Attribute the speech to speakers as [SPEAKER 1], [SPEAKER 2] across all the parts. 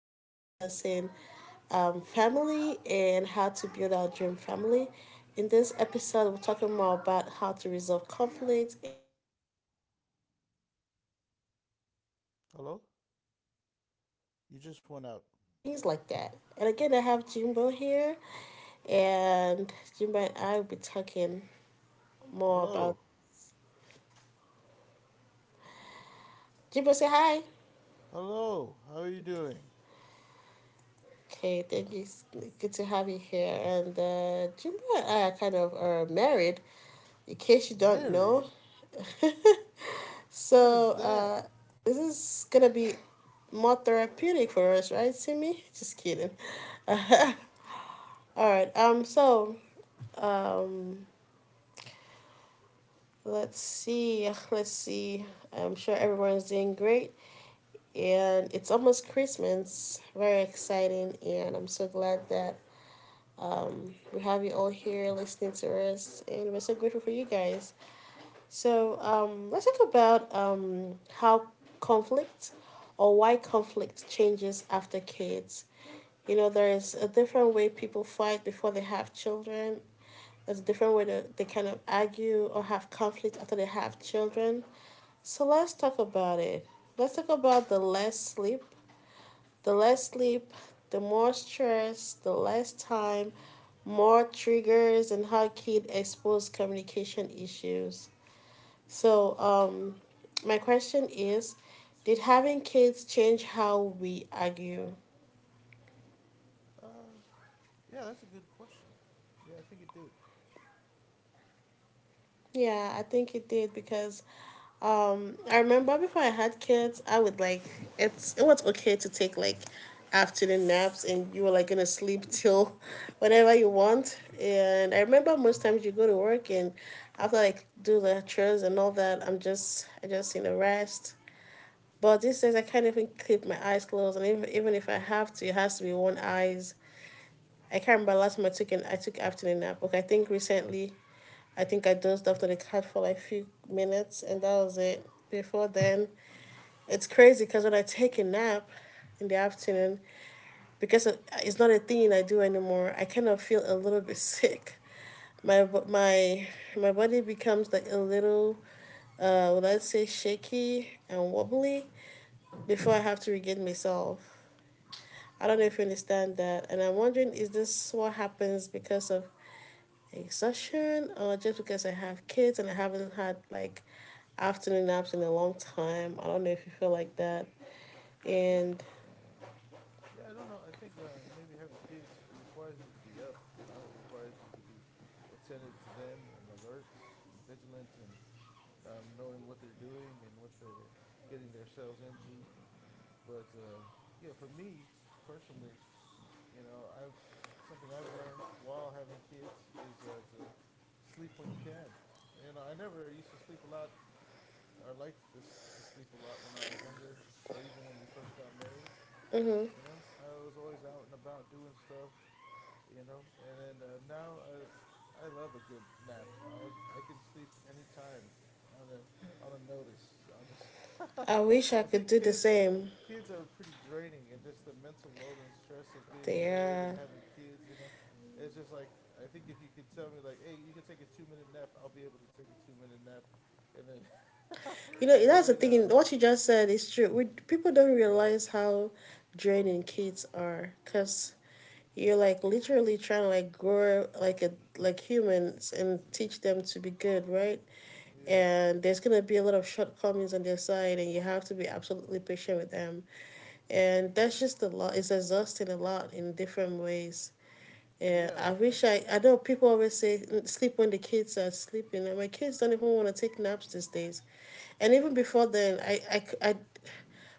[SPEAKER 1] we'll be discussing family and how to build our dream family. In this episode, we're talking more about how to resolve conflict and how to be parents without,
[SPEAKER 2] Hello?
[SPEAKER 1] getting
[SPEAKER 2] You just
[SPEAKER 1] exhausted
[SPEAKER 2] went out.
[SPEAKER 1] and things like that. And again, I have Jimbo here, and Jimbo and I will be talking more about.
[SPEAKER 2] Hello?
[SPEAKER 1] Jimbo, say hi.
[SPEAKER 2] Hello? How are you doing?
[SPEAKER 1] Okay, thank you. It's good to have you here. And Jimbo and I are kind of are married, in case you don't know.
[SPEAKER 2] Married? What is
[SPEAKER 1] so
[SPEAKER 2] that?
[SPEAKER 1] uh, this is gonna be more therapeutic for us, right, Timmy? Just kidding. All right. Um. Let's see. Let's see. I'm sure everyone's doing great, and it's almost Christmas. Very exciting, and I'm so glad that we have you all here listening to us, and we're so grateful for you guys. So let's talk about how conflict or why conflict changes after kids. You know, there is a different way people fight before they have children. There's a different way that they kind of argue or have conflict after they have children. So let's talk about it. Let's talk about the less sleep. The less sleep, the more stress, the less time, more triggers, and how kids expose communication issues. So, my question is, did having kids change how we argue?
[SPEAKER 2] Uh, yeah, that's a good question. Yeah, I think it did.
[SPEAKER 1] Yeah, I think it did because I remember before I had kids, I would like it was okay to take like afternoon naps and you were like gonna sleep till whenever you want. And I remember most times you go to work and after like do the chores and all that, I just need a rest. But these days, I can't even keep my eyes closed, and even if I have to, it has to be one eyes. I can't remember last time I took afternoon nap. Okay, I think recently, I think I dozed off on the couch for like a few minutes, and that was it. Before then, it's crazy because when I take a nap in the afternoon, because it's not a thing I do anymore, I kind of feel a little bit sick. My my my body becomes like a little, would I say shaky and wobbly before I have to regain myself. I don't know
[SPEAKER 2] Oh,
[SPEAKER 1] if you understand that. And I'm wondering, is this what happens because of exhaustion or just because I have kids and I haven't had like afternoon naps in a long time? I don't know if you feel like that.
[SPEAKER 2] okay. Yeah.
[SPEAKER 1] And
[SPEAKER 2] Yeah, I don't know. I think maybe having kids, it requires you to be up, you know, it requires you to be attentive to them and alert and vigilant and knowing what they're doing and what they're getting themselves into. But yeah, for me personally, you know, I've something I've learned while having kids is to sleep when you can. You know, I never used to sleep a lot. I liked this to sleep a lot when I was younger, or even when we first got married. You know, I was always out and about doing stuff, you know. And then now I love a good nap. I can sleep anytime on a on a notice. I'll just
[SPEAKER 1] I wish I
[SPEAKER 2] I
[SPEAKER 1] could
[SPEAKER 2] think
[SPEAKER 1] do the same.
[SPEAKER 2] kids are pretty draining and just the mental load and stress of being married and
[SPEAKER 1] Yeah.
[SPEAKER 2] having kids, you know. It's just like I think if you could tell me like, hey, you can take a 2-minute nap, I'll be able to take a 2-minute nap and then
[SPEAKER 1] You know, that's the
[SPEAKER 2] right
[SPEAKER 1] thing.
[SPEAKER 2] now.
[SPEAKER 1] What you just said is true. We, people don't realize how draining kids are because you're like literally trying to like grow like a like humans and teach them to be good, right?
[SPEAKER 2] Yeah.
[SPEAKER 1] And there's going to be a lot of shortcomings on their side and you have to be absolutely patient with them, and that's just a lot, it's exhausting a lot in different ways. Yeah,
[SPEAKER 2] Yeah.
[SPEAKER 1] I
[SPEAKER 2] And
[SPEAKER 1] wish I know people always say, "Mm, sleep when the kids are sleeping," and my kids don't even want to take naps these days. And even before then, I,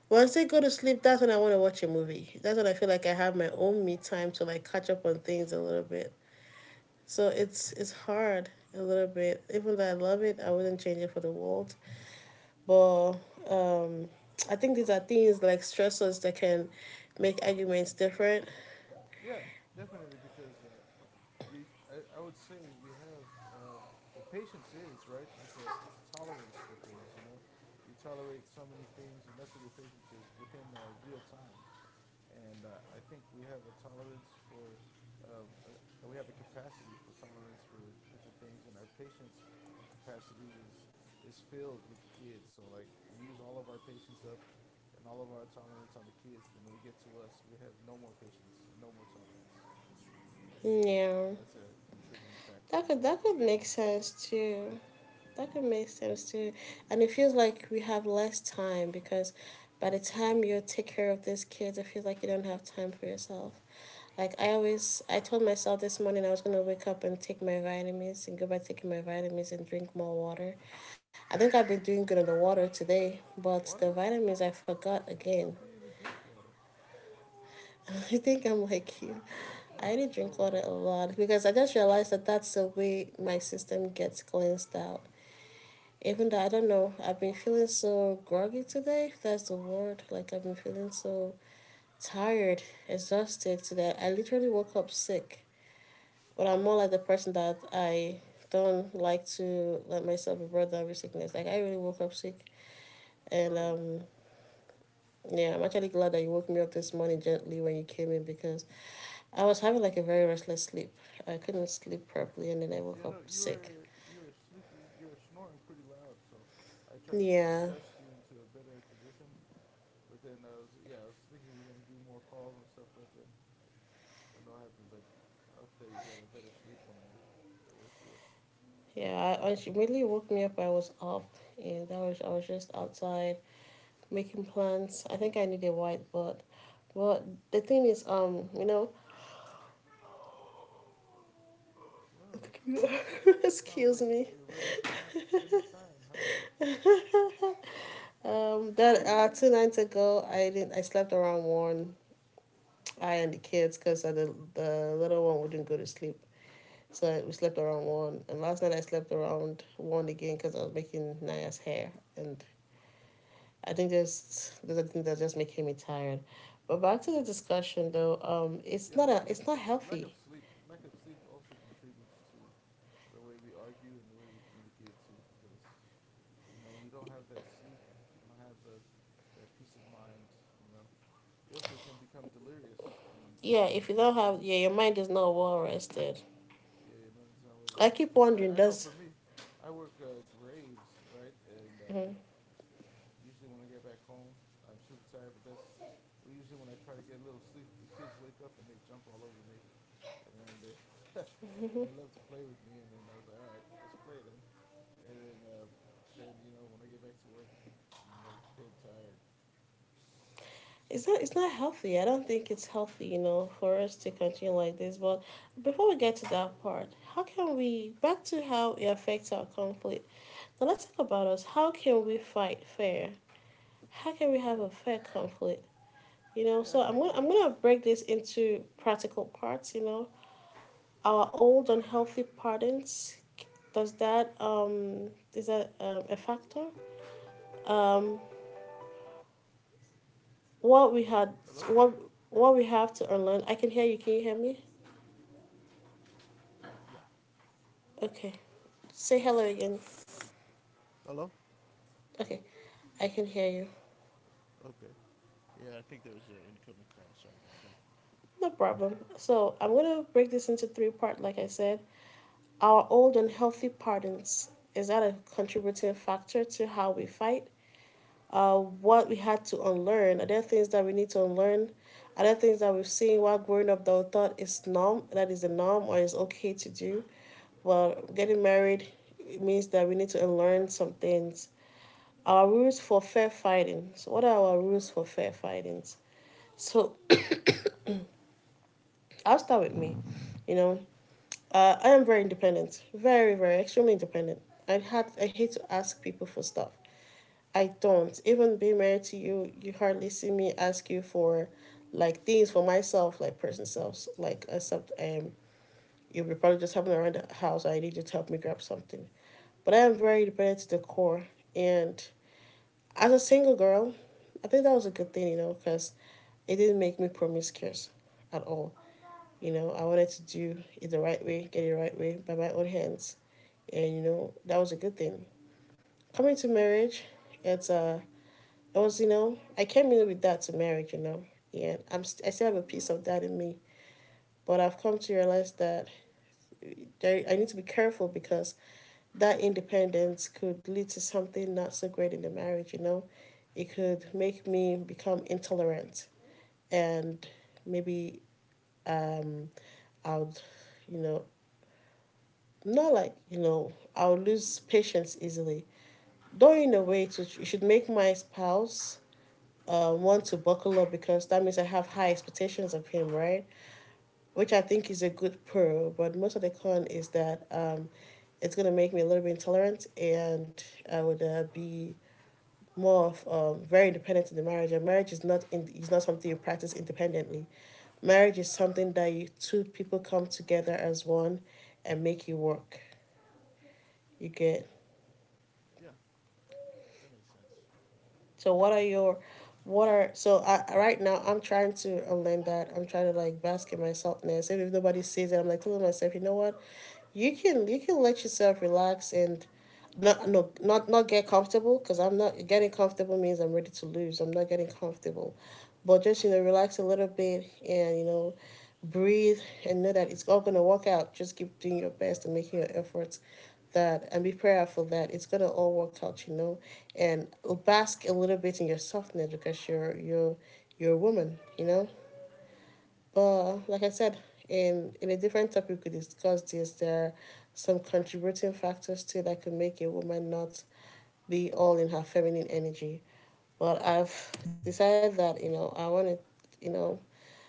[SPEAKER 1] once they go to sleep, that's when I want to watch a movie, that's when I feel like I have my own me time to like catch up on things a little bit. So it's hard a little bit, even though I love it, I wouldn't change it for the world. But um, I think these are things like stressors that can make arguments different.
[SPEAKER 2] yeah, definitely because you I would say we have well, patience is right, it's a tolerance for things, you know, you tolerate so many things and that's what your patience is within real time. And I think we have a tolerance for um, uh, we have a capacity for tolerance for different things, and our patience capacity is filled with the kids, so like we use all of our patience up and all of our tolerance on the kids, then we get to us, we have no more patience and no more tolerance. Maybe
[SPEAKER 1] Yeah.
[SPEAKER 2] that's a contributing factor, you
[SPEAKER 1] That
[SPEAKER 2] know?
[SPEAKER 1] could make sense too. That could make sense too. And it feels like we have less time because by the time you take care of these kids, it feels like you don't have time for yourself. Like I told myself this morning I was gonna wake up and take my vitamins and go by taking my vitamins and drink more water. I think I've been doing good on the water today, but the
[SPEAKER 2] Water?
[SPEAKER 1] vitamins I forgot
[SPEAKER 2] I don't
[SPEAKER 1] again.
[SPEAKER 2] know if you even drink water.
[SPEAKER 1] I think I'm like you.
[SPEAKER 2] Do
[SPEAKER 1] I
[SPEAKER 2] you know
[SPEAKER 1] need
[SPEAKER 2] how
[SPEAKER 1] to
[SPEAKER 2] to
[SPEAKER 1] drink
[SPEAKER 2] spell
[SPEAKER 1] water a
[SPEAKER 2] water?
[SPEAKER 1] lot because I just realized that that's the way my system gets cleansed out. Even though I don't know, I've been feeling so groggy today, if that's the word. Like, I've been feeling so tired, exhausted today. I literally woke up sick. But I'm
[SPEAKER 2] Oh,
[SPEAKER 1] more like the
[SPEAKER 2] wow.
[SPEAKER 1] person that I don't like to let myself be brought down with sickness. Like, I really woke up sick. And,
[SPEAKER 2] Sorry.
[SPEAKER 1] yeah, I'm actually glad that you woke me up this morning gently when you came in because I was having like a very restless sleep. I couldn't sleep properly, and then I woke up
[SPEAKER 2] You know,
[SPEAKER 1] sick.
[SPEAKER 2] you were sleeping, you were snoring pretty loud, so I tried to
[SPEAKER 1] Yeah,
[SPEAKER 2] adjust you into a better position. But then I was yeah, I was thinking we are gonna do more calls and stuff, but then yeah, I don't know what happened, but I hope that you got a better sleep when I woke you up.
[SPEAKER 1] yeah. I She really woke me up. I was up, and I was just outside making plans. I think I need a whiteboard, but the thing is,
[SPEAKER 2] Whoa. Sounds
[SPEAKER 1] excuse
[SPEAKER 2] like
[SPEAKER 1] me.
[SPEAKER 2] you're ready for naps anytime, huh?
[SPEAKER 1] That two nights ago, I didn't. I slept around one. I and the kids, cause the little one wouldn't go to sleep. So we slept around one, and last night I slept around one again because I was making Naya's hair, and I think just there's a thing that just making me tired. But back to the
[SPEAKER 2] Yeah.
[SPEAKER 1] discussion though,
[SPEAKER 2] Yeah, lack of
[SPEAKER 1] it's not
[SPEAKER 2] lack of
[SPEAKER 1] healthy.
[SPEAKER 2] sleep, lack of sleep also contributes to the way we argue and the way we communicate too. Because you know, when you don't have that sleep, you don't have that peace of mind. You know, you also can become delirious and maybe
[SPEAKER 1] Yeah,
[SPEAKER 2] some
[SPEAKER 1] if you
[SPEAKER 2] things
[SPEAKER 1] don't
[SPEAKER 2] that you
[SPEAKER 1] have,
[SPEAKER 2] don't.
[SPEAKER 1] yeah, your mind is not well rested.
[SPEAKER 2] Yeah, you might not know.
[SPEAKER 1] I keep
[SPEAKER 2] Because
[SPEAKER 1] wondering,
[SPEAKER 2] I know
[SPEAKER 1] does
[SPEAKER 2] for me, I work graves, right, and usually when I get back home, I'm super tired. But that's well, usually when I try to get a little sleep, the kids wake up and they jump all over me and then they and they love to play with me, and then I was like, all right, let's play then. And then but then you know, when I get back to work, I'm like dead tired.
[SPEAKER 1] It's not, it's not healthy. I don't think it's healthy, you know, for us to continue like this. But before we get to that part, how can we back to how it affects our conflict? Now let's talk about us. How can we fight fair? How can we have a
[SPEAKER 2] Yeah.
[SPEAKER 1] fair conflict? You know,
[SPEAKER 2] Yeah,
[SPEAKER 1] so
[SPEAKER 2] I think
[SPEAKER 1] I'm gonna break this into practical parts. You know, our old unhealthy patterns. Does that is that a factor? Um, what we had,
[SPEAKER 2] hello.
[SPEAKER 1] what what we have to unlearn. I can hear you. Can you hear me?
[SPEAKER 2] Yeah.
[SPEAKER 1] Okay, say hello again.
[SPEAKER 2] Hello.
[SPEAKER 1] Okay, I can hear you.
[SPEAKER 2] Okay. Yeah, I think there was an incoming call, sorry about that.
[SPEAKER 1] No problem. So I'm gonna break this into three part. Like I said, our old unhealthy patterns. Is that a contributing factor to how we fight? What we had to unlearn. Are there things that we need to unlearn? Are there things that we've seen while growing up that we thought is norm, that is the norm or is okay to do? Well, getting married means that we need to unlearn some things. Our rules for fair fighting. So, what are our rules for fair fighting? So, I'll start with me. You know, I am very independent, very, extremely independent. I hate to ask people for stuff. I don't even Being married to you, you hardly see me ask you for, like, things for myself, like personal selves, like, except you'll be probably just having around the house, I need you to help me grab something, but I am very independent to the core. And as a single girl, I think that was a good thing, you know, because it didn't make me promiscuous at all. You know, I wanted to do it the right way, get it the right way by my own hands. And you know, that was a good thing. Coming to marriage, it's I was, you know, I came in with that to marriage, you know. And I still have a piece of that in me. But I've come to realize that I need to be careful because that independence could lead to something not so great in the marriage, you know. It could make me become intolerant and maybe um, I would, you know, I'm not like, you know, I'll lose patience easily. Though, in a way, it should make my spouse want to buckle up because that means I have high expectations of him, right? Which I think is a good pro, but most of the con is that it's going to make me a little bit intolerant and I would be more of very independent in the marriage. And marriage is not, is not something you practice independently. Marriage is something that you two people come together as one and make it work. You get.
[SPEAKER 2] Yeah, that makes sense.
[SPEAKER 1] So what are your what are so I, right now I'm trying to unlearn that. I'm trying to like bask in my selfness. Even if nobody sees it, I'm like telling myself, you know what? You can let yourself relax and not no not not get comfortable, because I'm ready to lose. I'm not getting comfortable. But just relax a little bit and breathe and know that it's all going to work out. Just keep doing your best and making your efforts that and be prayerful that it's going to all work out, and bask a little bit in your softness because you're a woman. But like I said, in a different topic we could discuss this. There are some contributing factors too that could make a woman not be all in her feminine energy. But I've decided that, I want to, you know,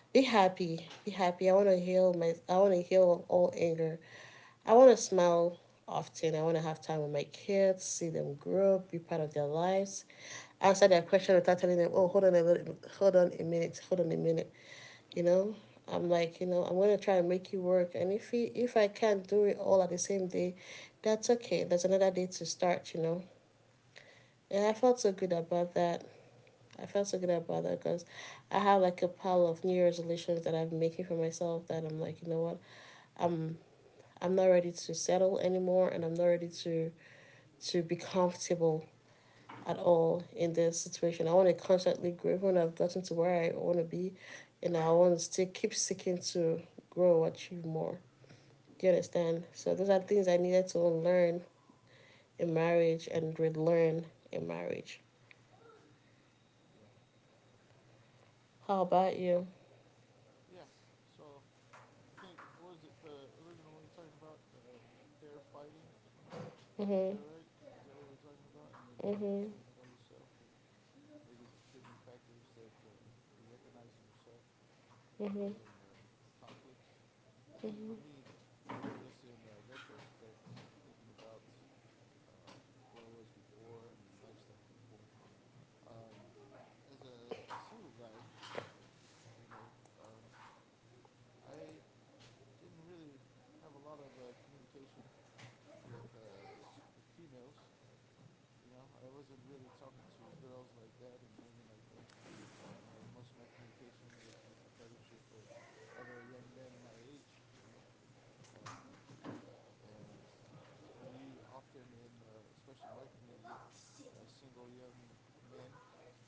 [SPEAKER 1] be happy. Be happy. I want to heal my. I want to heal all anger. I want to smile often. I want to have time with my kids, see them grow, be part of their lives, answer their question without telling them, "Oh, hold on a little, hold on a minute, hold on a minute." You know, I'm like, I'm gonna try and make it work, and if I can't do it all at the same day, that's okay. There's another day to start. And I felt so good about that. I felt so good about that because I have like a pile of New Year resolutions that I'm making for myself that I'm like, you know what, I'm I'm not ready to settle anymore and I'm not ready to be comfortable at all in this situation. I want to constantly grow when I've gotten to where I want to be and I want to still keep seeking to grow, achieve more. Do you understand? So those are
[SPEAKER 2] Yeah.
[SPEAKER 1] things I needed to unlearn in marriage and relearn in marriage.
[SPEAKER 2] Yeah.
[SPEAKER 1] How
[SPEAKER 2] that's
[SPEAKER 1] about you?
[SPEAKER 2] Yeah. So I think what was it, the original one you're talking about, fair fighting, is that right? Is that what we're talking about? And then you're
[SPEAKER 1] Mm-hmm,
[SPEAKER 2] talking about yourself and maybe contributing factors that you recognize in yourself
[SPEAKER 1] mm-hmm,
[SPEAKER 2] and the conflicts. I think for me, just in retrospect, thinking about um, who I was before and my lifestyle before, um, as a single guy, you know, um, I didn't really have a lot of communication with uh, with females. You know, I wasn't really talking to girls like that and women like that. You know, most of my communication was with the fellowship of other young men my age, you know. Um, and well, we often, in especially my community, single young men,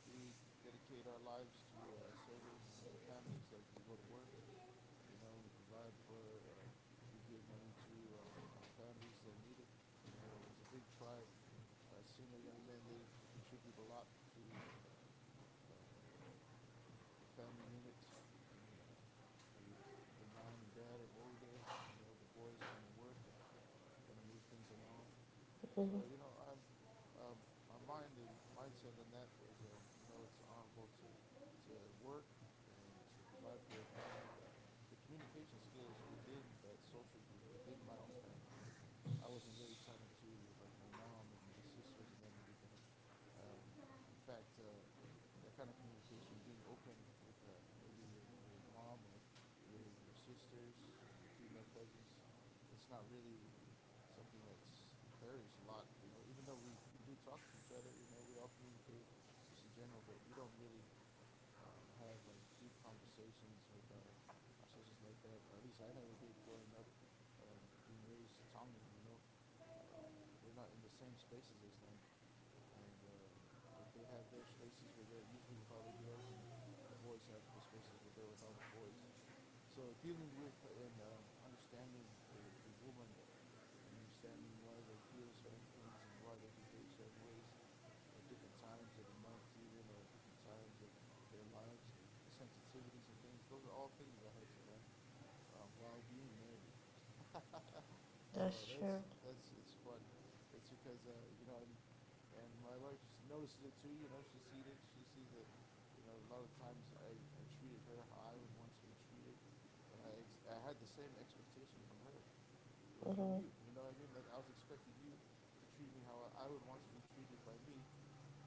[SPEAKER 2] we dedicate our lives to serving our families. Like we go to work, you know, we provide for, or we give money to our families that need it, you know. And as a big tribe, single young men, they contribute a lot to um, the family units, and like if your mom and dad are older, you know, the boys kind of work and kind of move things along. So
[SPEAKER 1] mm-hmm.
[SPEAKER 2] you know I'm um, my mind and mindset on that was you know, it's honorable to to work and to provide for your family, but the communication skills within that social group within my own family, right? I wasn't really talking to like my mom and my sisters and them like that. Um, in fact, that kind of communication, being open with maybe your mom or your sisters, your female cousins, it's not really something that's encouraged a lot. You know, even though we do talk to each other, you know, we all communicate just in general, but we don't really have like deep conversations with our sisters like that, or at least I never did growing up, um, being raised Tongan, you know. Um, we're not in the same spaces as them, and like they have their spaces where they're usually with all the girls, and the boys have the spaces where they're with all the boys. So dealing with and understanding a, a woman and understanding why they feel certain things and why they behave certain ways at different times of the month, even, or at different times of their lives, and the sensitivities and things. Those are all things I had to learn while being married. So
[SPEAKER 1] That's true.
[SPEAKER 2] that's it's fun. It's because you know and my wife notices it too. You know, she sees it. She sees that, you know, a lot of the times I treated her how I would want to be treated, and I had the same expectation from her, from
[SPEAKER 1] Mm-hmm.
[SPEAKER 2] you. You know what I mean? Like, I was expecting you to treat me how I would want to be treated by me,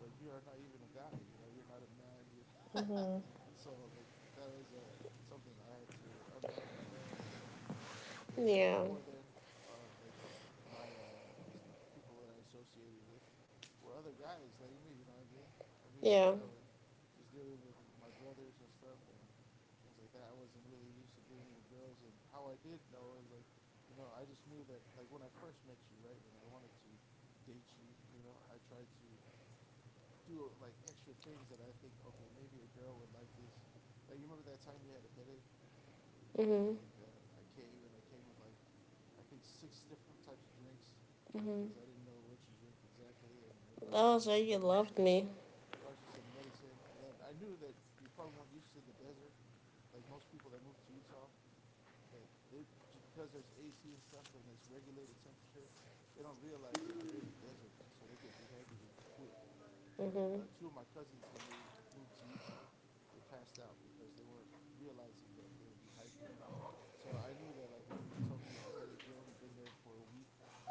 [SPEAKER 2] but you are not even a guy, you know, you're not a man, you so like that was a something I had to unlearn and learn, you know, because
[SPEAKER 1] Yeah.
[SPEAKER 2] before then like my the people that I associated with were other guys like me, you know what I mean? Like
[SPEAKER 1] Yeah.
[SPEAKER 2] I was just dealing with my brothers and stuff and things like that. I wasn't really used to dealing with girls, and how I did know is like, you know, I just knew that like when I first met you, right, and I wanted to date you, you know, I tried to do like extra things that I think, okay, maybe a girl would like this. Like you remember that time you had a headache, and
[SPEAKER 1] Mhm.
[SPEAKER 2] like I came and I came with like I think six different types of drinks because
[SPEAKER 1] Mhm.
[SPEAKER 2] I didn't know what you drink exactly, and I
[SPEAKER 1] That
[SPEAKER 2] brought you
[SPEAKER 1] was
[SPEAKER 2] some
[SPEAKER 1] why you loved
[SPEAKER 2] medicine.
[SPEAKER 1] me.
[SPEAKER 2] Brought you some medicine. And then I knew that you probably weren't used to the desert, like most people that move to Utah. That they, just because there's AC and stuff and it's regulated temperature, they don't realize that they're in a desert, so they get dehydrated quick, like
[SPEAKER 1] Mhm.
[SPEAKER 2] two of my cousins, when they moved to Utah, they passed out because they weren't realizing that they were dehydrated. So I knew that like when you told me you had a headache, you only been there for a week.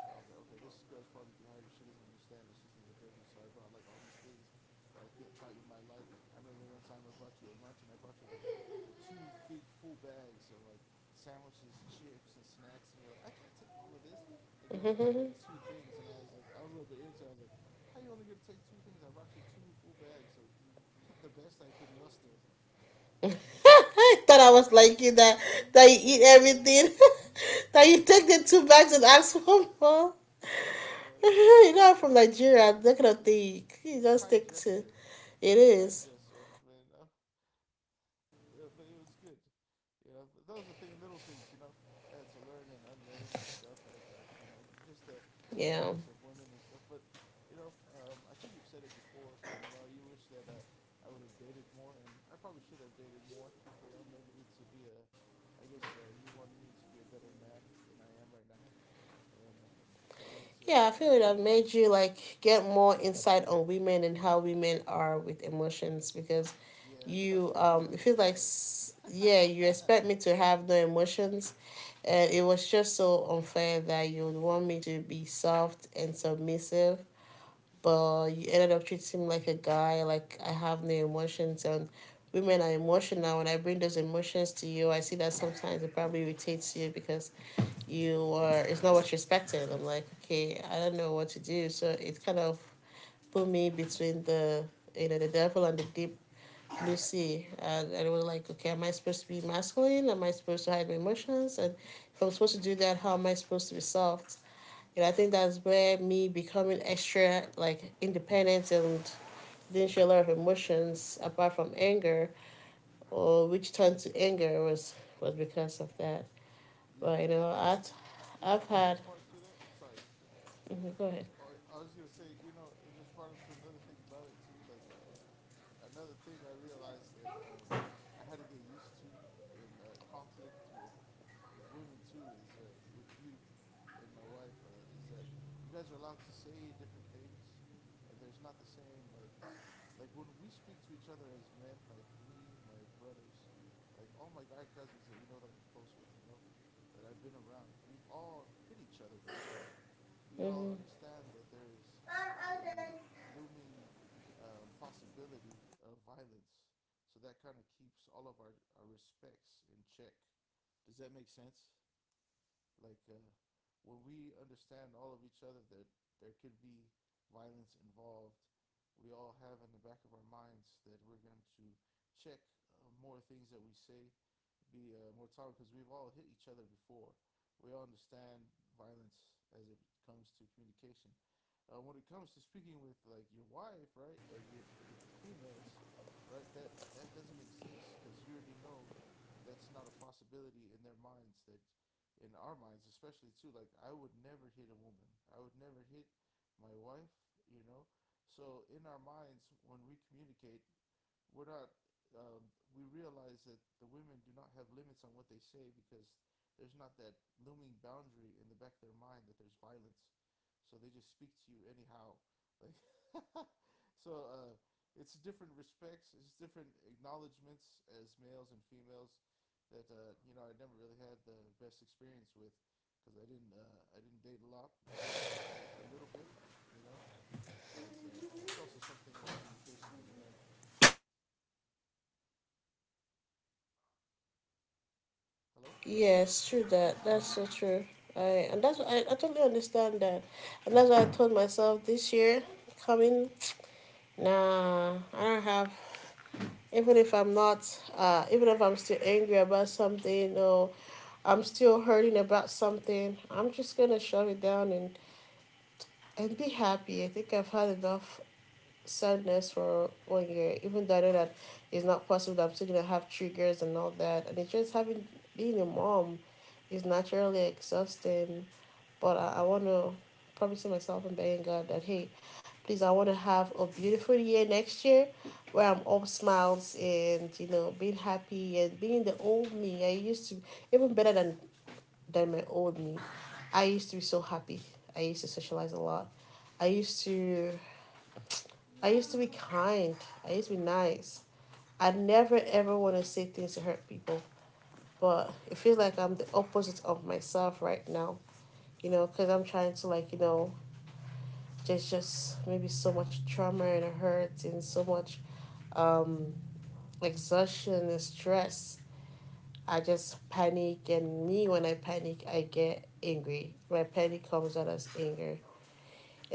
[SPEAKER 2] I was like, okay, this girl's probably dehydrated. She doesn't understand that she's in the desert. So I brought like all these things that thought you might like. I remember one time I brought you a lunch, and I brought you like two big full bags of like sandwiches, chips, and snacks, and you're like, I can't take all of this, and you only took like two things, and I was like, I was a little bit irritated. I was like, how you only gonna take two things? I brought you two full bags of the best I can muster. No,
[SPEAKER 1] I thought I was like you that you eat everything, that you take the two bags and ask one more.
[SPEAKER 2] yeah, but
[SPEAKER 1] I'm from Nigeria. That kind of
[SPEAKER 2] it's a
[SPEAKER 1] thing. You
[SPEAKER 2] it's a
[SPEAKER 1] just
[SPEAKER 2] kind
[SPEAKER 1] take two.
[SPEAKER 2] gesture.
[SPEAKER 1] It
[SPEAKER 2] It's a kind
[SPEAKER 1] is.
[SPEAKER 2] gesture, but you know, but it was good. You know, those are thing little things. You know, I had to learn and unlearn and stuff like that. You know, just the dynamics
[SPEAKER 1] Yeah.
[SPEAKER 2] of women and stuff. But I think you've said it before. You know, you wish that I would have dated more, and I probably should have dated more. You know, maybe to be I guess you wanted me to be a better man than I am right now, and so I would say,
[SPEAKER 1] Yeah, I
[SPEAKER 2] yeah, I
[SPEAKER 1] feel
[SPEAKER 2] would
[SPEAKER 1] it
[SPEAKER 2] try.
[SPEAKER 1] have made you like get more insight on women and how women are with emotions because
[SPEAKER 2] Yeah, I think I was
[SPEAKER 1] you
[SPEAKER 2] treating you like
[SPEAKER 1] it
[SPEAKER 2] a
[SPEAKER 1] feels like
[SPEAKER 2] guy.
[SPEAKER 1] yeah, you expect me to have no emotions and it was just so unfair that you would want me to be soft and submissive, but you ended up treating me like a guy like I have no emotions, and women are emotional. When I bring those emotions to you, I see that sometimes it probably irritates you because you were it's not what you expected. I'm like, okay, I don't know what to do. So it kind of put me between the devil and the deep blue sea. And it was
[SPEAKER 2] Yeah.
[SPEAKER 1] like, okay, am I supposed to be masculine? Am I supposed to hide my emotions? And if I'm supposed to do that, how am I supposed to be soft? And I think that's where me becoming extra like independent and didn't show a lot of emotions apart from anger or which turned to anger was because of that.
[SPEAKER 2] Yeah,
[SPEAKER 1] But
[SPEAKER 2] I think I yeah
[SPEAKER 1] I've
[SPEAKER 2] another
[SPEAKER 1] had.
[SPEAKER 2] part to that. Sorry,
[SPEAKER 1] Mm-hmm. Go ahead.
[SPEAKER 2] I was gonna say, you know, it just brought up to another thing about it too, like another thing I realized that I had to get used to in conflict with women too is with you and my wife is that you guys are allowed to say different things, and there's not the same like when we speak to each other as men, like me, my brothers, like all my guy cousins that, you know, that I'm close with, you know, that I've been around, we've all hit each other before. We all
[SPEAKER 1] Mm-hmm.
[SPEAKER 2] understand that there is a looming possibility of violence. So that kind of keeps all of our respects in check. Does that make sense? Like when we understand all of each other that there could be violence involved, we all have in the back of our minds that we're going to check more things that we say, be more tolerant because we've all hit each other before. We all understand violence as it comes to communication. When it comes to speaking with like your wife, right, and you with females, right, that that doesn't exist because you already know that's not a possibility in their minds. That in our minds, especially too, like I would never hit a woman. I would never hit my wife. You know, so in our minds, when we communicate, we're not. We realize that the women do not have limits on what they say because there's not that looming boundary in the back of their mind that there's violence, so they just speak to you anyhow. Like, so it's different respects, it's different acknowledgments as males and females that I never really had the best experience with because I didn't date a lot. I dated a little bit, you know, but it's also something in communication that you learn. Hello,
[SPEAKER 1] Yes, true that. That's so true. I totally understand that, and that's why I told myself this year coming, nah, I don't have. Even if I'm not, even if I'm still angry about something or I'm still hurting about something, I'm just gonna shove it down and be happy. I think I've had enough sadness for one year, even though I know that it's not possible that I'm still gonna have triggers and all that. And it's just having being a mom is naturally exhausting. But I wanna promise myself and begging God that hey, please, I wanna have a beautiful year next year where I'm all smiles and being happy and being the old me. I used to, even better than my old me. I used to be so happy. I used to socialize a lot. I used to I used to be kind. I used to be nice. I never ever want to say things to hurt people, but it feels like I'm the opposite of myself right now. Because I'm trying to like there's just maybe so much trauma and hurt and so much um, exhaustion and stress. I just panic, and me when I panic, I get angry. My panic comes out as anger,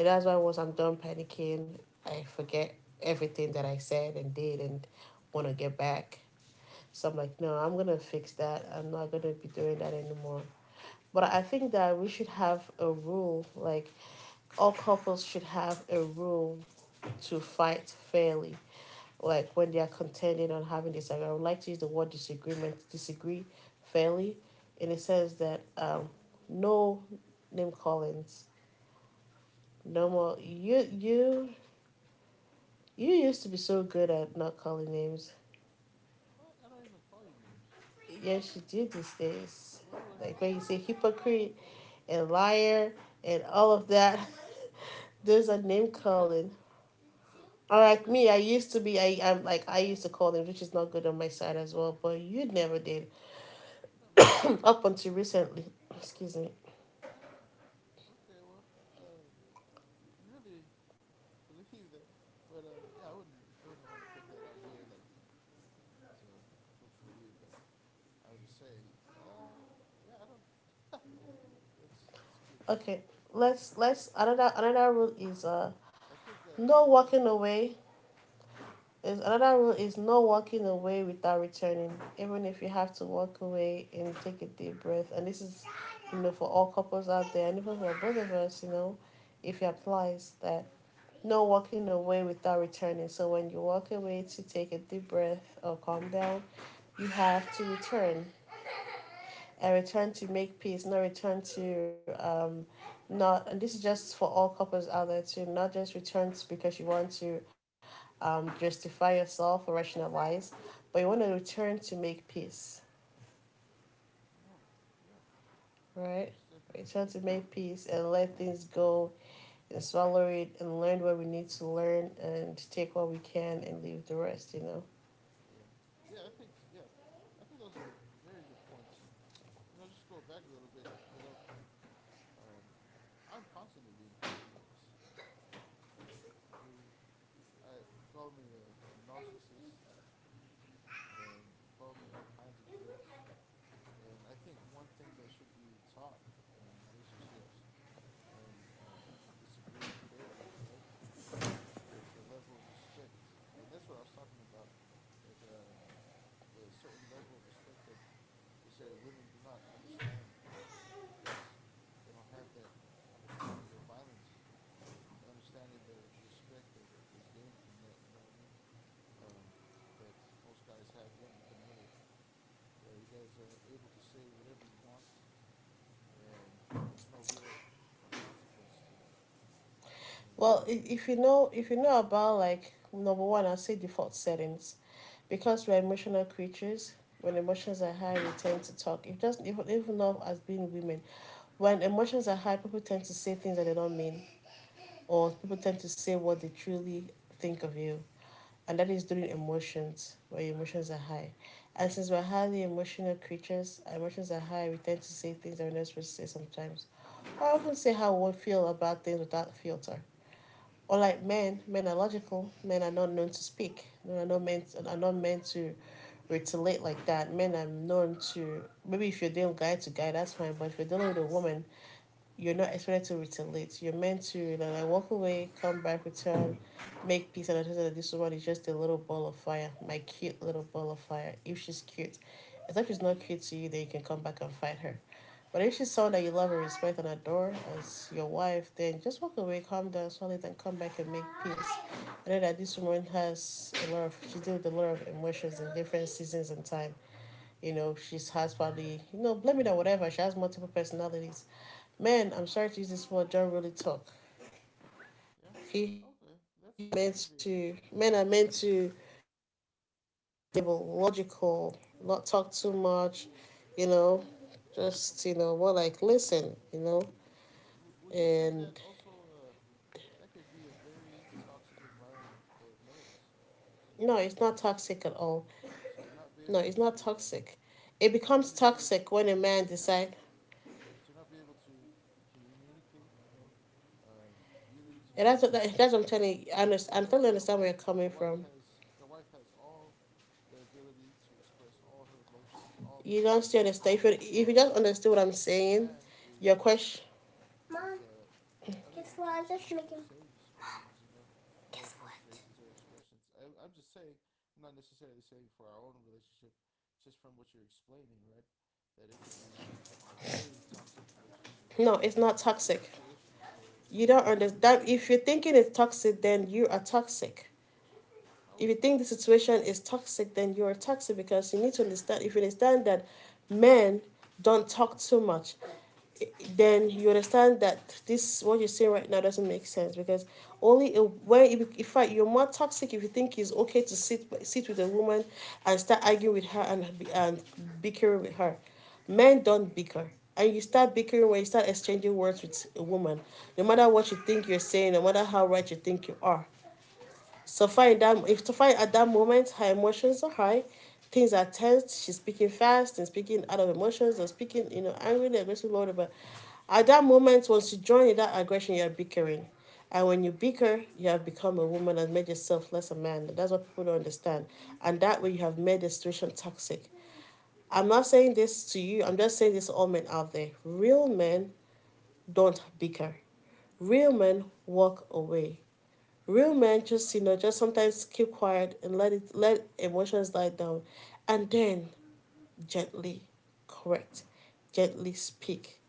[SPEAKER 1] and that's why once I'm done panicking, I forget everything that I said and did and want to get back. So I'm like, no, I'm gonna fix that. I'm not gonna be doing that anymore. But I think that we should have a rule, like all couples should have a rule to fight fairly. Like when they are contending on having this, like I would like to use the word disagreement, disagree fairly, in the sense that no name callings, no
[SPEAKER 2] yeah.
[SPEAKER 1] more. You used to be so good at not calling names.
[SPEAKER 2] I don't even call you names.
[SPEAKER 1] Yes, you do these days.
[SPEAKER 2] What do I
[SPEAKER 1] Like
[SPEAKER 2] call
[SPEAKER 1] when you
[SPEAKER 2] you?
[SPEAKER 1] say hypocrite, and liar and all of that. There's
[SPEAKER 2] Well,
[SPEAKER 1] a
[SPEAKER 2] I
[SPEAKER 1] name
[SPEAKER 2] think,
[SPEAKER 1] calling.
[SPEAKER 2] wait,
[SPEAKER 1] Or
[SPEAKER 2] but
[SPEAKER 1] like
[SPEAKER 2] then,
[SPEAKER 1] me, I'm like I used to call them, which is not good on my side as well. But you never did.
[SPEAKER 2] no, but you,
[SPEAKER 1] Up until recently. Excuse me.
[SPEAKER 2] ah, okay, well, um, really believe that, but, yeah, I wouldn't want to put that on here, like, to put for you, but I was just saying, yeah, I don't, that's curious.
[SPEAKER 1] Okay,
[SPEAKER 2] Yeah.
[SPEAKER 1] let's another rule is
[SPEAKER 2] I think,
[SPEAKER 1] no
[SPEAKER 2] important
[SPEAKER 1] walking
[SPEAKER 2] part,
[SPEAKER 1] away. Is another rule is no walking away without returning, even if you have to walk away and take a deep breath. And this is, for all couples out there and even for both of us, if it applies, that no walking away without returning. So when you walk away to take a deep breath or calm down, you have to return. And return to make peace, not return to not. And this is just for all couples out there too. Not just returns because you want to justify yourself or rationalize, but you want to return to make peace,
[SPEAKER 2] oh, yeah,
[SPEAKER 1] right?
[SPEAKER 2] that's
[SPEAKER 1] Return
[SPEAKER 2] definitely
[SPEAKER 1] to
[SPEAKER 2] good.
[SPEAKER 1] make peace and let things go and swallow it and learn what we need to learn and take what we can and leave the rest. You know.
[SPEAKER 2] Yeah. Yeah, I think those are very good points. You know, just go back a little bit, you know, um, I'm constantly being called names. You know, you I you call me a narcissist and you call me all kinds of things. And I think one thing that should be taught in relationships and um, disagreeing fairly, right, is a level of respect. And that's what I was talking about that with a certain level of respect that necessarily women do not understand because they don't have that understanding of violence, the understanding that of respect that is gained from that. You know what I mean? Um, that most guys have one with another. You know, you guys are able to say whatever you want, and there's no real consequence to it. And
[SPEAKER 1] Well, if, if you know about like #1, I'll say default settings, because we're emotional creatures. When emotions are high, we tend to talk. It doesn't even even though, as being women, when emotions are high, people tend to say things that they don't mean, or people tend to say what they truly think of you, and that is during emotions where your emotions are high. And since we're highly emotional creatures, our emotions are high. We tend to say things that we're not supposed to say sometimes. I often say how we feel about things without filter. Or like men are logical. Men are not known to speak. Men are not meant to retaliate like that. Men are known to, maybe if you're dealing guy to guy, that's fine. But if you're dealing with a woman, you're not expected to return late. You're meant to like walk away, come back, return, make peace, and understand that this woman is just a little ball of fire, my cute little ball of fire. If she's cute. As if she's not cute to you, then you can come back and fight her. But if she's someone that you love and respect and adore as your wife, then just walk away, calm down slowly, then come back and make peace. I know that this woman has a lot of she deals with a lot of emotions in different seasons and time. You know, she's has probably, blame it on whatever, she has multiple personalities. Men, I'm sorry to use this word, don't really talk.
[SPEAKER 2] yeah,
[SPEAKER 1] He
[SPEAKER 2] okay, that's that can be
[SPEAKER 1] meant to
[SPEAKER 2] understandable.
[SPEAKER 1] men are meant to be logical, not talk too much, you know, just
[SPEAKER 2] Okay,
[SPEAKER 1] more like listen.
[SPEAKER 2] would you
[SPEAKER 1] And
[SPEAKER 2] say that also? That could be a very toxic environment for males
[SPEAKER 1] no,
[SPEAKER 2] in
[SPEAKER 1] it's not toxic
[SPEAKER 2] relationships,
[SPEAKER 1] at all.
[SPEAKER 2] to not
[SPEAKER 1] No,
[SPEAKER 2] be
[SPEAKER 1] it's
[SPEAKER 2] able
[SPEAKER 1] not
[SPEAKER 2] to
[SPEAKER 1] toxic. It becomes
[SPEAKER 2] communicate
[SPEAKER 1] toxic when a man
[SPEAKER 2] their
[SPEAKER 1] decides
[SPEAKER 2] to not be able to communicate, you know, um, feelings
[SPEAKER 1] And
[SPEAKER 2] with
[SPEAKER 1] that's
[SPEAKER 2] their
[SPEAKER 1] what that's what
[SPEAKER 2] wife.
[SPEAKER 1] I'm telling you. I
[SPEAKER 2] Now, eh, you
[SPEAKER 1] understand. I
[SPEAKER 2] know,
[SPEAKER 1] totally understand where you're coming
[SPEAKER 2] their wife
[SPEAKER 1] from.
[SPEAKER 2] has their wife has all the ability to express all her emotions, all her
[SPEAKER 1] You don't still
[SPEAKER 2] feelings,
[SPEAKER 1] understand. If you
[SPEAKER 2] while
[SPEAKER 1] just understood what I'm
[SPEAKER 2] the
[SPEAKER 1] saying,
[SPEAKER 2] man is
[SPEAKER 1] your question.
[SPEAKER 2] is uh, unable to express those same feelings, you know, or frustrations or expressions. I'm just saying, I'm not necessarily saying for our own relationship, just from what you're explaining, right? That it could be a very toxic relationship,
[SPEAKER 1] No, it's
[SPEAKER 2] a
[SPEAKER 1] not
[SPEAKER 2] toxic
[SPEAKER 1] toxic.
[SPEAKER 2] situation for
[SPEAKER 1] You don't
[SPEAKER 2] males in a
[SPEAKER 1] understand. If
[SPEAKER 2] relationship.
[SPEAKER 1] you're thinking it's toxic, then you are toxic.
[SPEAKER 2] How
[SPEAKER 1] If you
[SPEAKER 2] is that
[SPEAKER 1] think the
[SPEAKER 2] possible?
[SPEAKER 1] situation is toxic, then you are toxic because you need to
[SPEAKER 2] Please
[SPEAKER 1] understand. If
[SPEAKER 2] explain.
[SPEAKER 1] you understand that men don't talk too much, then you understand that this what you're saying right now doesn't make sense because only a, when if, in fact you're more toxic if you think it's okay to sit with a woman and start arguing with her and bickering with her. Men don't bicker. And you start bickering when you start exchanging words with a woman. No matter what you think you're saying, no matter how right you think you are, so far,
[SPEAKER 2] Interesting,
[SPEAKER 1] in that, if so far at that moment, her emotions are high, things are tense, she's speaking fast and speaking out of emotions or speaking, angrily, aggressively, whatever. At that moment, once you join in that aggression, you're bickering. And when you bicker, you have become a woman and made yourself less a man. That's what people don't understand. And that way, you have made the situation toxic. I'm not saying
[SPEAKER 2] interesting,
[SPEAKER 1] this to you, I'm just saying this to all men out there. Real men don't bicker, real men walk away. Real men
[SPEAKER 2] interesting.
[SPEAKER 1] just, just sometimes keep quiet and let it let emotions die down and then gently correct, gently speak,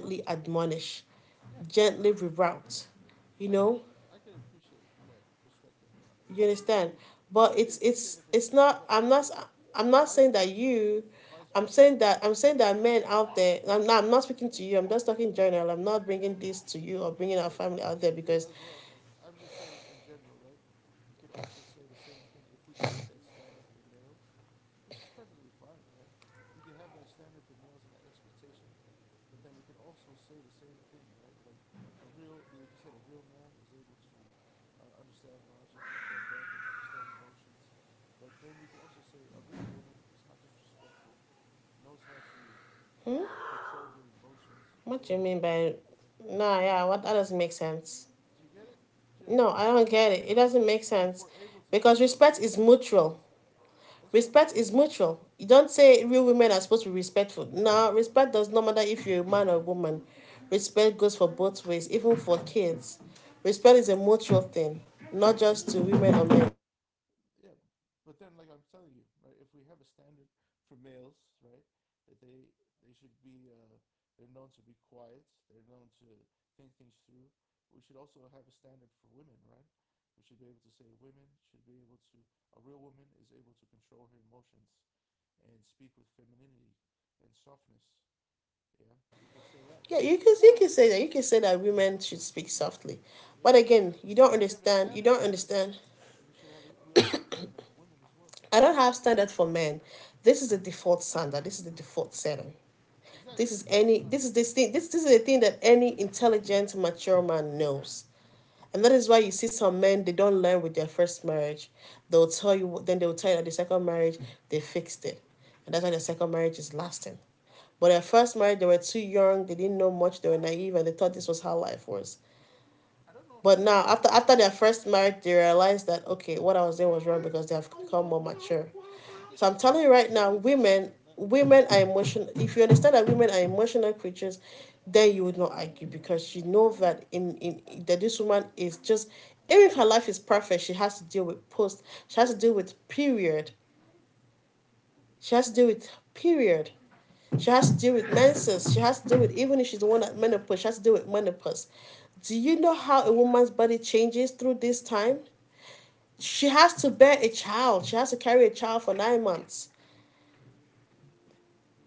[SPEAKER 2] Well,
[SPEAKER 1] admonish,
[SPEAKER 2] yeah,
[SPEAKER 1] gently reroute. You
[SPEAKER 2] I could
[SPEAKER 1] know?
[SPEAKER 2] I could appreciate that perspective a lot. You
[SPEAKER 1] You
[SPEAKER 2] know, I really
[SPEAKER 1] understand?
[SPEAKER 2] do. I
[SPEAKER 1] But
[SPEAKER 2] really
[SPEAKER 1] it's
[SPEAKER 2] appreciate
[SPEAKER 1] it's
[SPEAKER 2] that
[SPEAKER 1] it's
[SPEAKER 2] perspective,
[SPEAKER 1] not
[SPEAKER 2] but also
[SPEAKER 1] I'm not
[SPEAKER 2] vice
[SPEAKER 1] saying that
[SPEAKER 2] versa,
[SPEAKER 1] you
[SPEAKER 2] vice versa, it could
[SPEAKER 1] I'm saying that men out
[SPEAKER 2] yeah,
[SPEAKER 1] there. I'm not speaking to you. I'm just
[SPEAKER 2] yeah,
[SPEAKER 1] talking general. I'm
[SPEAKER 2] yeah.
[SPEAKER 1] not bringing this to you or bringing our
[SPEAKER 2] Me,
[SPEAKER 1] family out there.
[SPEAKER 2] me
[SPEAKER 1] Because
[SPEAKER 2] as well. Like I'm just saying in general, right? You could also say the same thing if we create that standard for males, which is perfectly fine, right? We could have that standard for males and that expectation, but then we could also say the same thing, right? Like a real, like you said, a real man is able to understand logic and come back and understand emotions. But then we could also say a real woman is not disrespectful, knows how to control her emotions. A
[SPEAKER 1] what
[SPEAKER 2] real
[SPEAKER 1] do you
[SPEAKER 2] woman
[SPEAKER 1] mean
[SPEAKER 2] knows
[SPEAKER 1] by
[SPEAKER 2] how to do that.
[SPEAKER 1] nah?
[SPEAKER 2] You
[SPEAKER 1] Yeah,
[SPEAKER 2] know,
[SPEAKER 1] what, that
[SPEAKER 2] I mean,
[SPEAKER 1] doesn't make sense.
[SPEAKER 2] do you get it? Do you know what I
[SPEAKER 1] No,
[SPEAKER 2] mean?
[SPEAKER 1] I
[SPEAKER 2] Like,
[SPEAKER 1] don't
[SPEAKER 2] if you're
[SPEAKER 1] get it. It
[SPEAKER 2] able,
[SPEAKER 1] doesn't make
[SPEAKER 2] if
[SPEAKER 1] sense
[SPEAKER 2] we're able to
[SPEAKER 1] because
[SPEAKER 2] say a
[SPEAKER 1] respect
[SPEAKER 2] real
[SPEAKER 1] is
[SPEAKER 2] man is was,
[SPEAKER 1] mutual.
[SPEAKER 2] that's what I'm
[SPEAKER 1] Respect
[SPEAKER 2] telling
[SPEAKER 1] is
[SPEAKER 2] you.
[SPEAKER 1] mutual. You don't say real women are supposed to be respectful. No,
[SPEAKER 2] No,
[SPEAKER 1] respect does not matter if you're a man or a woman. Respect
[SPEAKER 2] we'll
[SPEAKER 1] goes
[SPEAKER 2] see.
[SPEAKER 1] for both ways, even for kids.
[SPEAKER 2] Yep,
[SPEAKER 1] Respect is a mutual thing, not
[SPEAKER 2] yeah,
[SPEAKER 1] just to women or men.
[SPEAKER 2] yeah, but then like I'm telling you, right? If we have a standard for males, right, that they should be they're known to be quiet, they're known to think things through. We should also have a standard for women, right? We should be able to say women should be able to a real woman is able to control her emotions and speak with femininity and softness. Yeah, we could say that,
[SPEAKER 1] Yeah,
[SPEAKER 2] right?
[SPEAKER 1] you can say that. You can say that women should speak softly. But
[SPEAKER 2] Yeah, should we
[SPEAKER 1] again,
[SPEAKER 2] have?
[SPEAKER 1] you don't
[SPEAKER 2] If you have a
[SPEAKER 1] understand. You
[SPEAKER 2] standard
[SPEAKER 1] don't
[SPEAKER 2] for men,
[SPEAKER 1] understand.
[SPEAKER 2] you should have. A, we also have a standard for women as well,
[SPEAKER 1] I don't have
[SPEAKER 2] right?
[SPEAKER 1] standard for men. This is the default standard. This is the default setting.
[SPEAKER 2] Exactly.
[SPEAKER 1] This is
[SPEAKER 2] That's
[SPEAKER 1] any
[SPEAKER 2] what I'm
[SPEAKER 1] this is
[SPEAKER 2] saying.
[SPEAKER 1] this thing this this is the thing that any intelligent mature man knows. And that
[SPEAKER 2] Okay,
[SPEAKER 1] is why you
[SPEAKER 2] yeah,
[SPEAKER 1] see some men they don't learn with their first marriage. They'll tell you that the second marriage they fixed it. And that's why the second marriage is lasting. But their
[SPEAKER 2] interesting.
[SPEAKER 1] first marriage they were too young, they didn't know much, they were naive and they thought this was how life was.
[SPEAKER 2] I don't know if
[SPEAKER 1] But
[SPEAKER 2] that's
[SPEAKER 1] now,
[SPEAKER 2] most
[SPEAKER 1] after
[SPEAKER 2] men.
[SPEAKER 1] after their first marriage, they realized that okay, what I was doing was wrong because they have become more mature.
[SPEAKER 2] I guess
[SPEAKER 1] So
[SPEAKER 2] I'll
[SPEAKER 1] I'm
[SPEAKER 2] see the
[SPEAKER 1] telling you right now,
[SPEAKER 2] statistics
[SPEAKER 1] women
[SPEAKER 2] on that. But
[SPEAKER 1] women are
[SPEAKER 2] yeah,
[SPEAKER 1] emotional. If you understand that women are emotional creatures, then you would not argue because you know that in that this woman is just, even if her life is perfect, she has to deal with post. She has to deal with period. She
[SPEAKER 2] okay.
[SPEAKER 1] has to deal with period. She has to deal with menses. She has to deal with, even if she's the one at menopause, she has to deal with menopause. Do you know how a
[SPEAKER 2] Sure.
[SPEAKER 1] woman's body changes through this time? She has to bear a child. She has to carry a child for 9 months.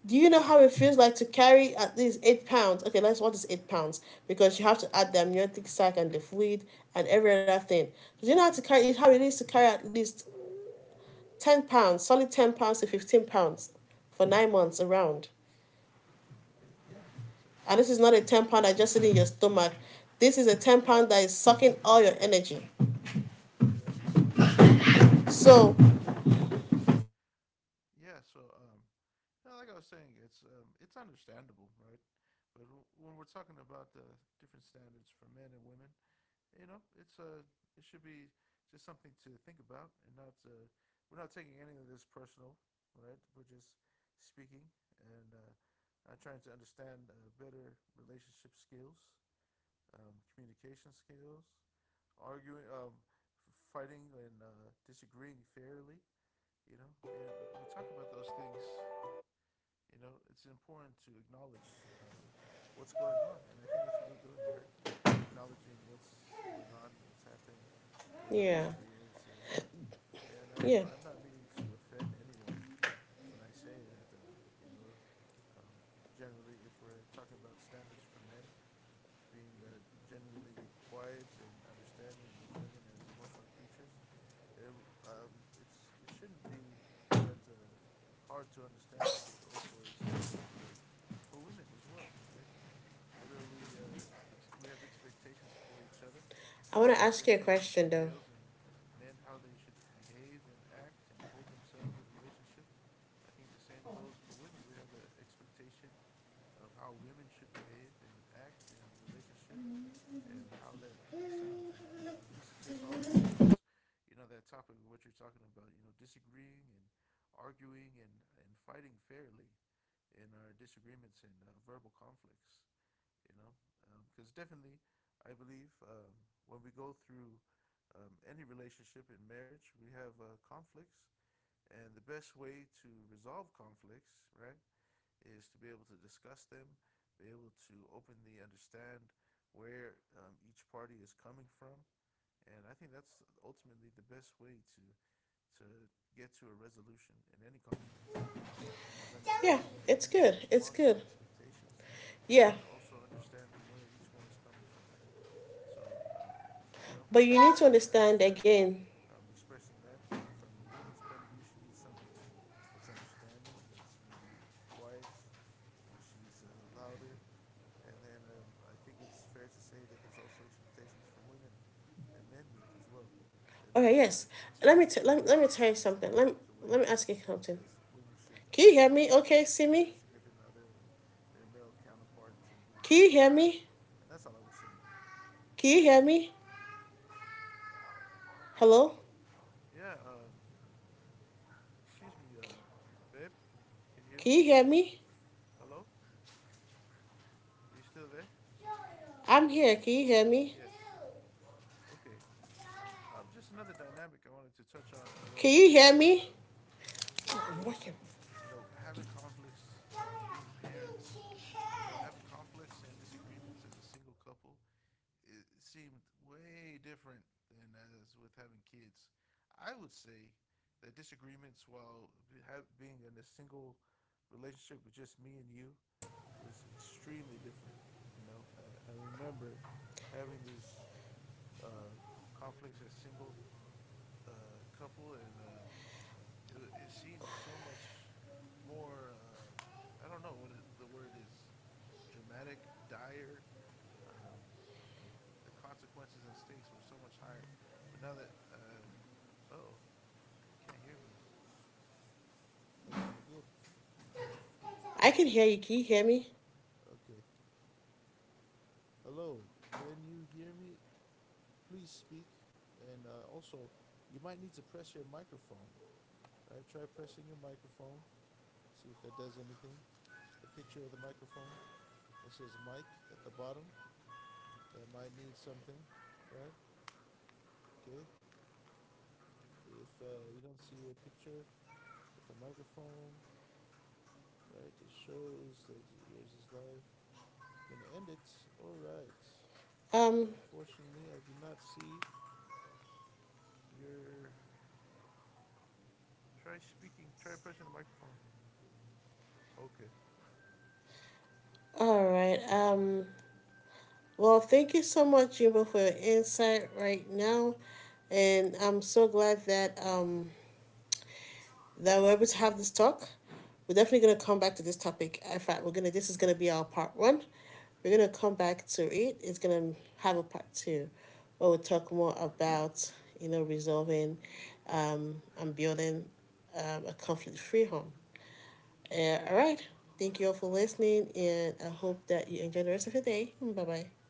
[SPEAKER 1] Do you know
[SPEAKER 2] Okay.
[SPEAKER 1] how it feels like to carry at least 8 pounds? Okay, let's what is 8 pounds, because you have to add the amniotic sac and the fluid and every other thing. Do you know how to carry, how it is to carry at least 10 pounds, solid 10 pounds to 15 pounds for 9 months around?
[SPEAKER 2] Yeah, that sounds
[SPEAKER 1] And this is not a
[SPEAKER 2] that's
[SPEAKER 1] 10 pound that's
[SPEAKER 2] quite the
[SPEAKER 1] just sitting in your
[SPEAKER 2] task.
[SPEAKER 1] stomach. This is a 10 pound that is sucking all your energy.
[SPEAKER 2] Yeah, that'd be quite the task.
[SPEAKER 1] So,
[SPEAKER 2] Yeah. So yeah, like I was saying, it's understandable, right? But when we're talking about the different standards for men and women, you know, it's a it should be just something to think about and not to, we're not taking any of this personal, right? We're just speaking and I'm trying to understand better relationship skills, communication skills, arguing, fighting, and disagreeing fairly. You know, and we talk about those things. You know, it's important to acknowledge what's going on, and I think that's what we're doing, right? We're acknowledging what's going on, what's happened, what our
[SPEAKER 1] yeah.
[SPEAKER 2] experience is, and
[SPEAKER 1] Yeah.
[SPEAKER 2] I'm not meaning to offend anyone when I say that. You know, um, generally, if we're talking about standards for men, being generally quiet and understanding of women as emotional creatures, there um, it's it shouldn't be that hard to understand that there's also a standard for women as well, right? What are we? We have expectations for each other.
[SPEAKER 1] I
[SPEAKER 2] We
[SPEAKER 1] want
[SPEAKER 2] have
[SPEAKER 1] to ask you a
[SPEAKER 2] expectations for
[SPEAKER 1] question though.
[SPEAKER 2] males and men, how they should behave and act and hold themselves in a relationship. I think the same goes for women. We have an expectation of how women should behave and act in the relationship and how that that sounds. You know, this is just all going towards, you know, that topic of what you're talking about. You know, disagreeing and arguing and fighting fairly in our disagreements and verbal conflicts. You know, because definitely, I believe when we go through any relationship in marriage, we have conflicts, and the best way to resolve conflicts, right? is to be able to discuss them, be able to openly understand where each party is coming from. And I think that's ultimately the best way to get to a resolution in any conflict, you know, is
[SPEAKER 1] Yeah,
[SPEAKER 2] understanding the
[SPEAKER 1] it's
[SPEAKER 2] needs and
[SPEAKER 1] good. It's
[SPEAKER 2] wants and
[SPEAKER 1] good.
[SPEAKER 2] expectations
[SPEAKER 1] Yeah.
[SPEAKER 2] and also understanding where each one is coming from. So, you know,
[SPEAKER 1] But you
[SPEAKER 2] um,
[SPEAKER 1] need to
[SPEAKER 2] I, I
[SPEAKER 1] understand
[SPEAKER 2] understand that
[SPEAKER 1] again.
[SPEAKER 2] expressing that from a woman's point of view, she needs someone that's understanding, that's maybe quiet, when she's louder. And then I think it's fair to say that there's also expectations from women that men need as well. That
[SPEAKER 1] Okay,
[SPEAKER 2] men
[SPEAKER 1] yes. Let me,
[SPEAKER 2] expect
[SPEAKER 1] t- let, me
[SPEAKER 2] women
[SPEAKER 1] let me
[SPEAKER 2] to
[SPEAKER 1] tell you
[SPEAKER 2] be
[SPEAKER 1] something.
[SPEAKER 2] certain
[SPEAKER 1] Let me,
[SPEAKER 2] types of
[SPEAKER 1] let me
[SPEAKER 2] ways,
[SPEAKER 1] ask you something.
[SPEAKER 2] as women should
[SPEAKER 1] Can you
[SPEAKER 2] also
[SPEAKER 1] hear me?
[SPEAKER 2] expect
[SPEAKER 1] Okay, see
[SPEAKER 2] their
[SPEAKER 1] me?
[SPEAKER 2] significant other or their male counterpart to be a
[SPEAKER 1] Can you
[SPEAKER 2] certain
[SPEAKER 1] hear
[SPEAKER 2] way.
[SPEAKER 1] me?
[SPEAKER 2] And that's all I was saying.
[SPEAKER 1] Can you hear me? Hello?
[SPEAKER 2] Yeah, excuse me, babe, can you hear
[SPEAKER 1] Can
[SPEAKER 2] me?
[SPEAKER 1] you hear me?
[SPEAKER 2] Hello? Are you still there?
[SPEAKER 1] I'm here. Can you hear me?
[SPEAKER 2] Yes. Okay. Just another dynamic I wanted to touch on as
[SPEAKER 1] Can
[SPEAKER 2] well
[SPEAKER 1] you hear
[SPEAKER 2] with
[SPEAKER 1] me? I'm working.
[SPEAKER 2] you know, having conflicts, being parents, you know, having conflicts and disagreements as a single couple, it seemed way different than as with having kids. I would say that disagreements while have, being in a single relationship with just me and you was extremely different. You know, I remember having these uh, conflicts as single couple and it it seems so much more. I don't know what it, the word is. Dramatic, dire. Um, like the consequences and stakes were so much higher. But now that oh, can't hear me. That's not good.
[SPEAKER 1] I can hear you. Can you hear me?
[SPEAKER 2] Okay. Hello. Can you hear me? Please speak. And also, you might need to press your microphone. Right. Try pressing your microphone. See if that does anything. The picture of the microphone that says mic at the bottom. That might need something, right? Okay. If you don't see a picture with a microphone, right, it shows that yours is live. You're going to end it. All right.
[SPEAKER 1] Um,
[SPEAKER 2] Unfortunately, I do not see your. Try speaking, try pressing the microphone. Okay.
[SPEAKER 1] All right. Well, thank you so much, Jimbo, for your insight right now, and I'm so glad that that we're able to have this talk. We're definitely gonna come back to this topic. In fact, we're gonna this is gonna be our part 1. We're gonna come back to it. It's gonna have a part 2, where we'll talk more about resolving, and building, a conflict-free home. All right. Thank you all for listening, and I hope that you enjoy the rest of your day. Bye bye.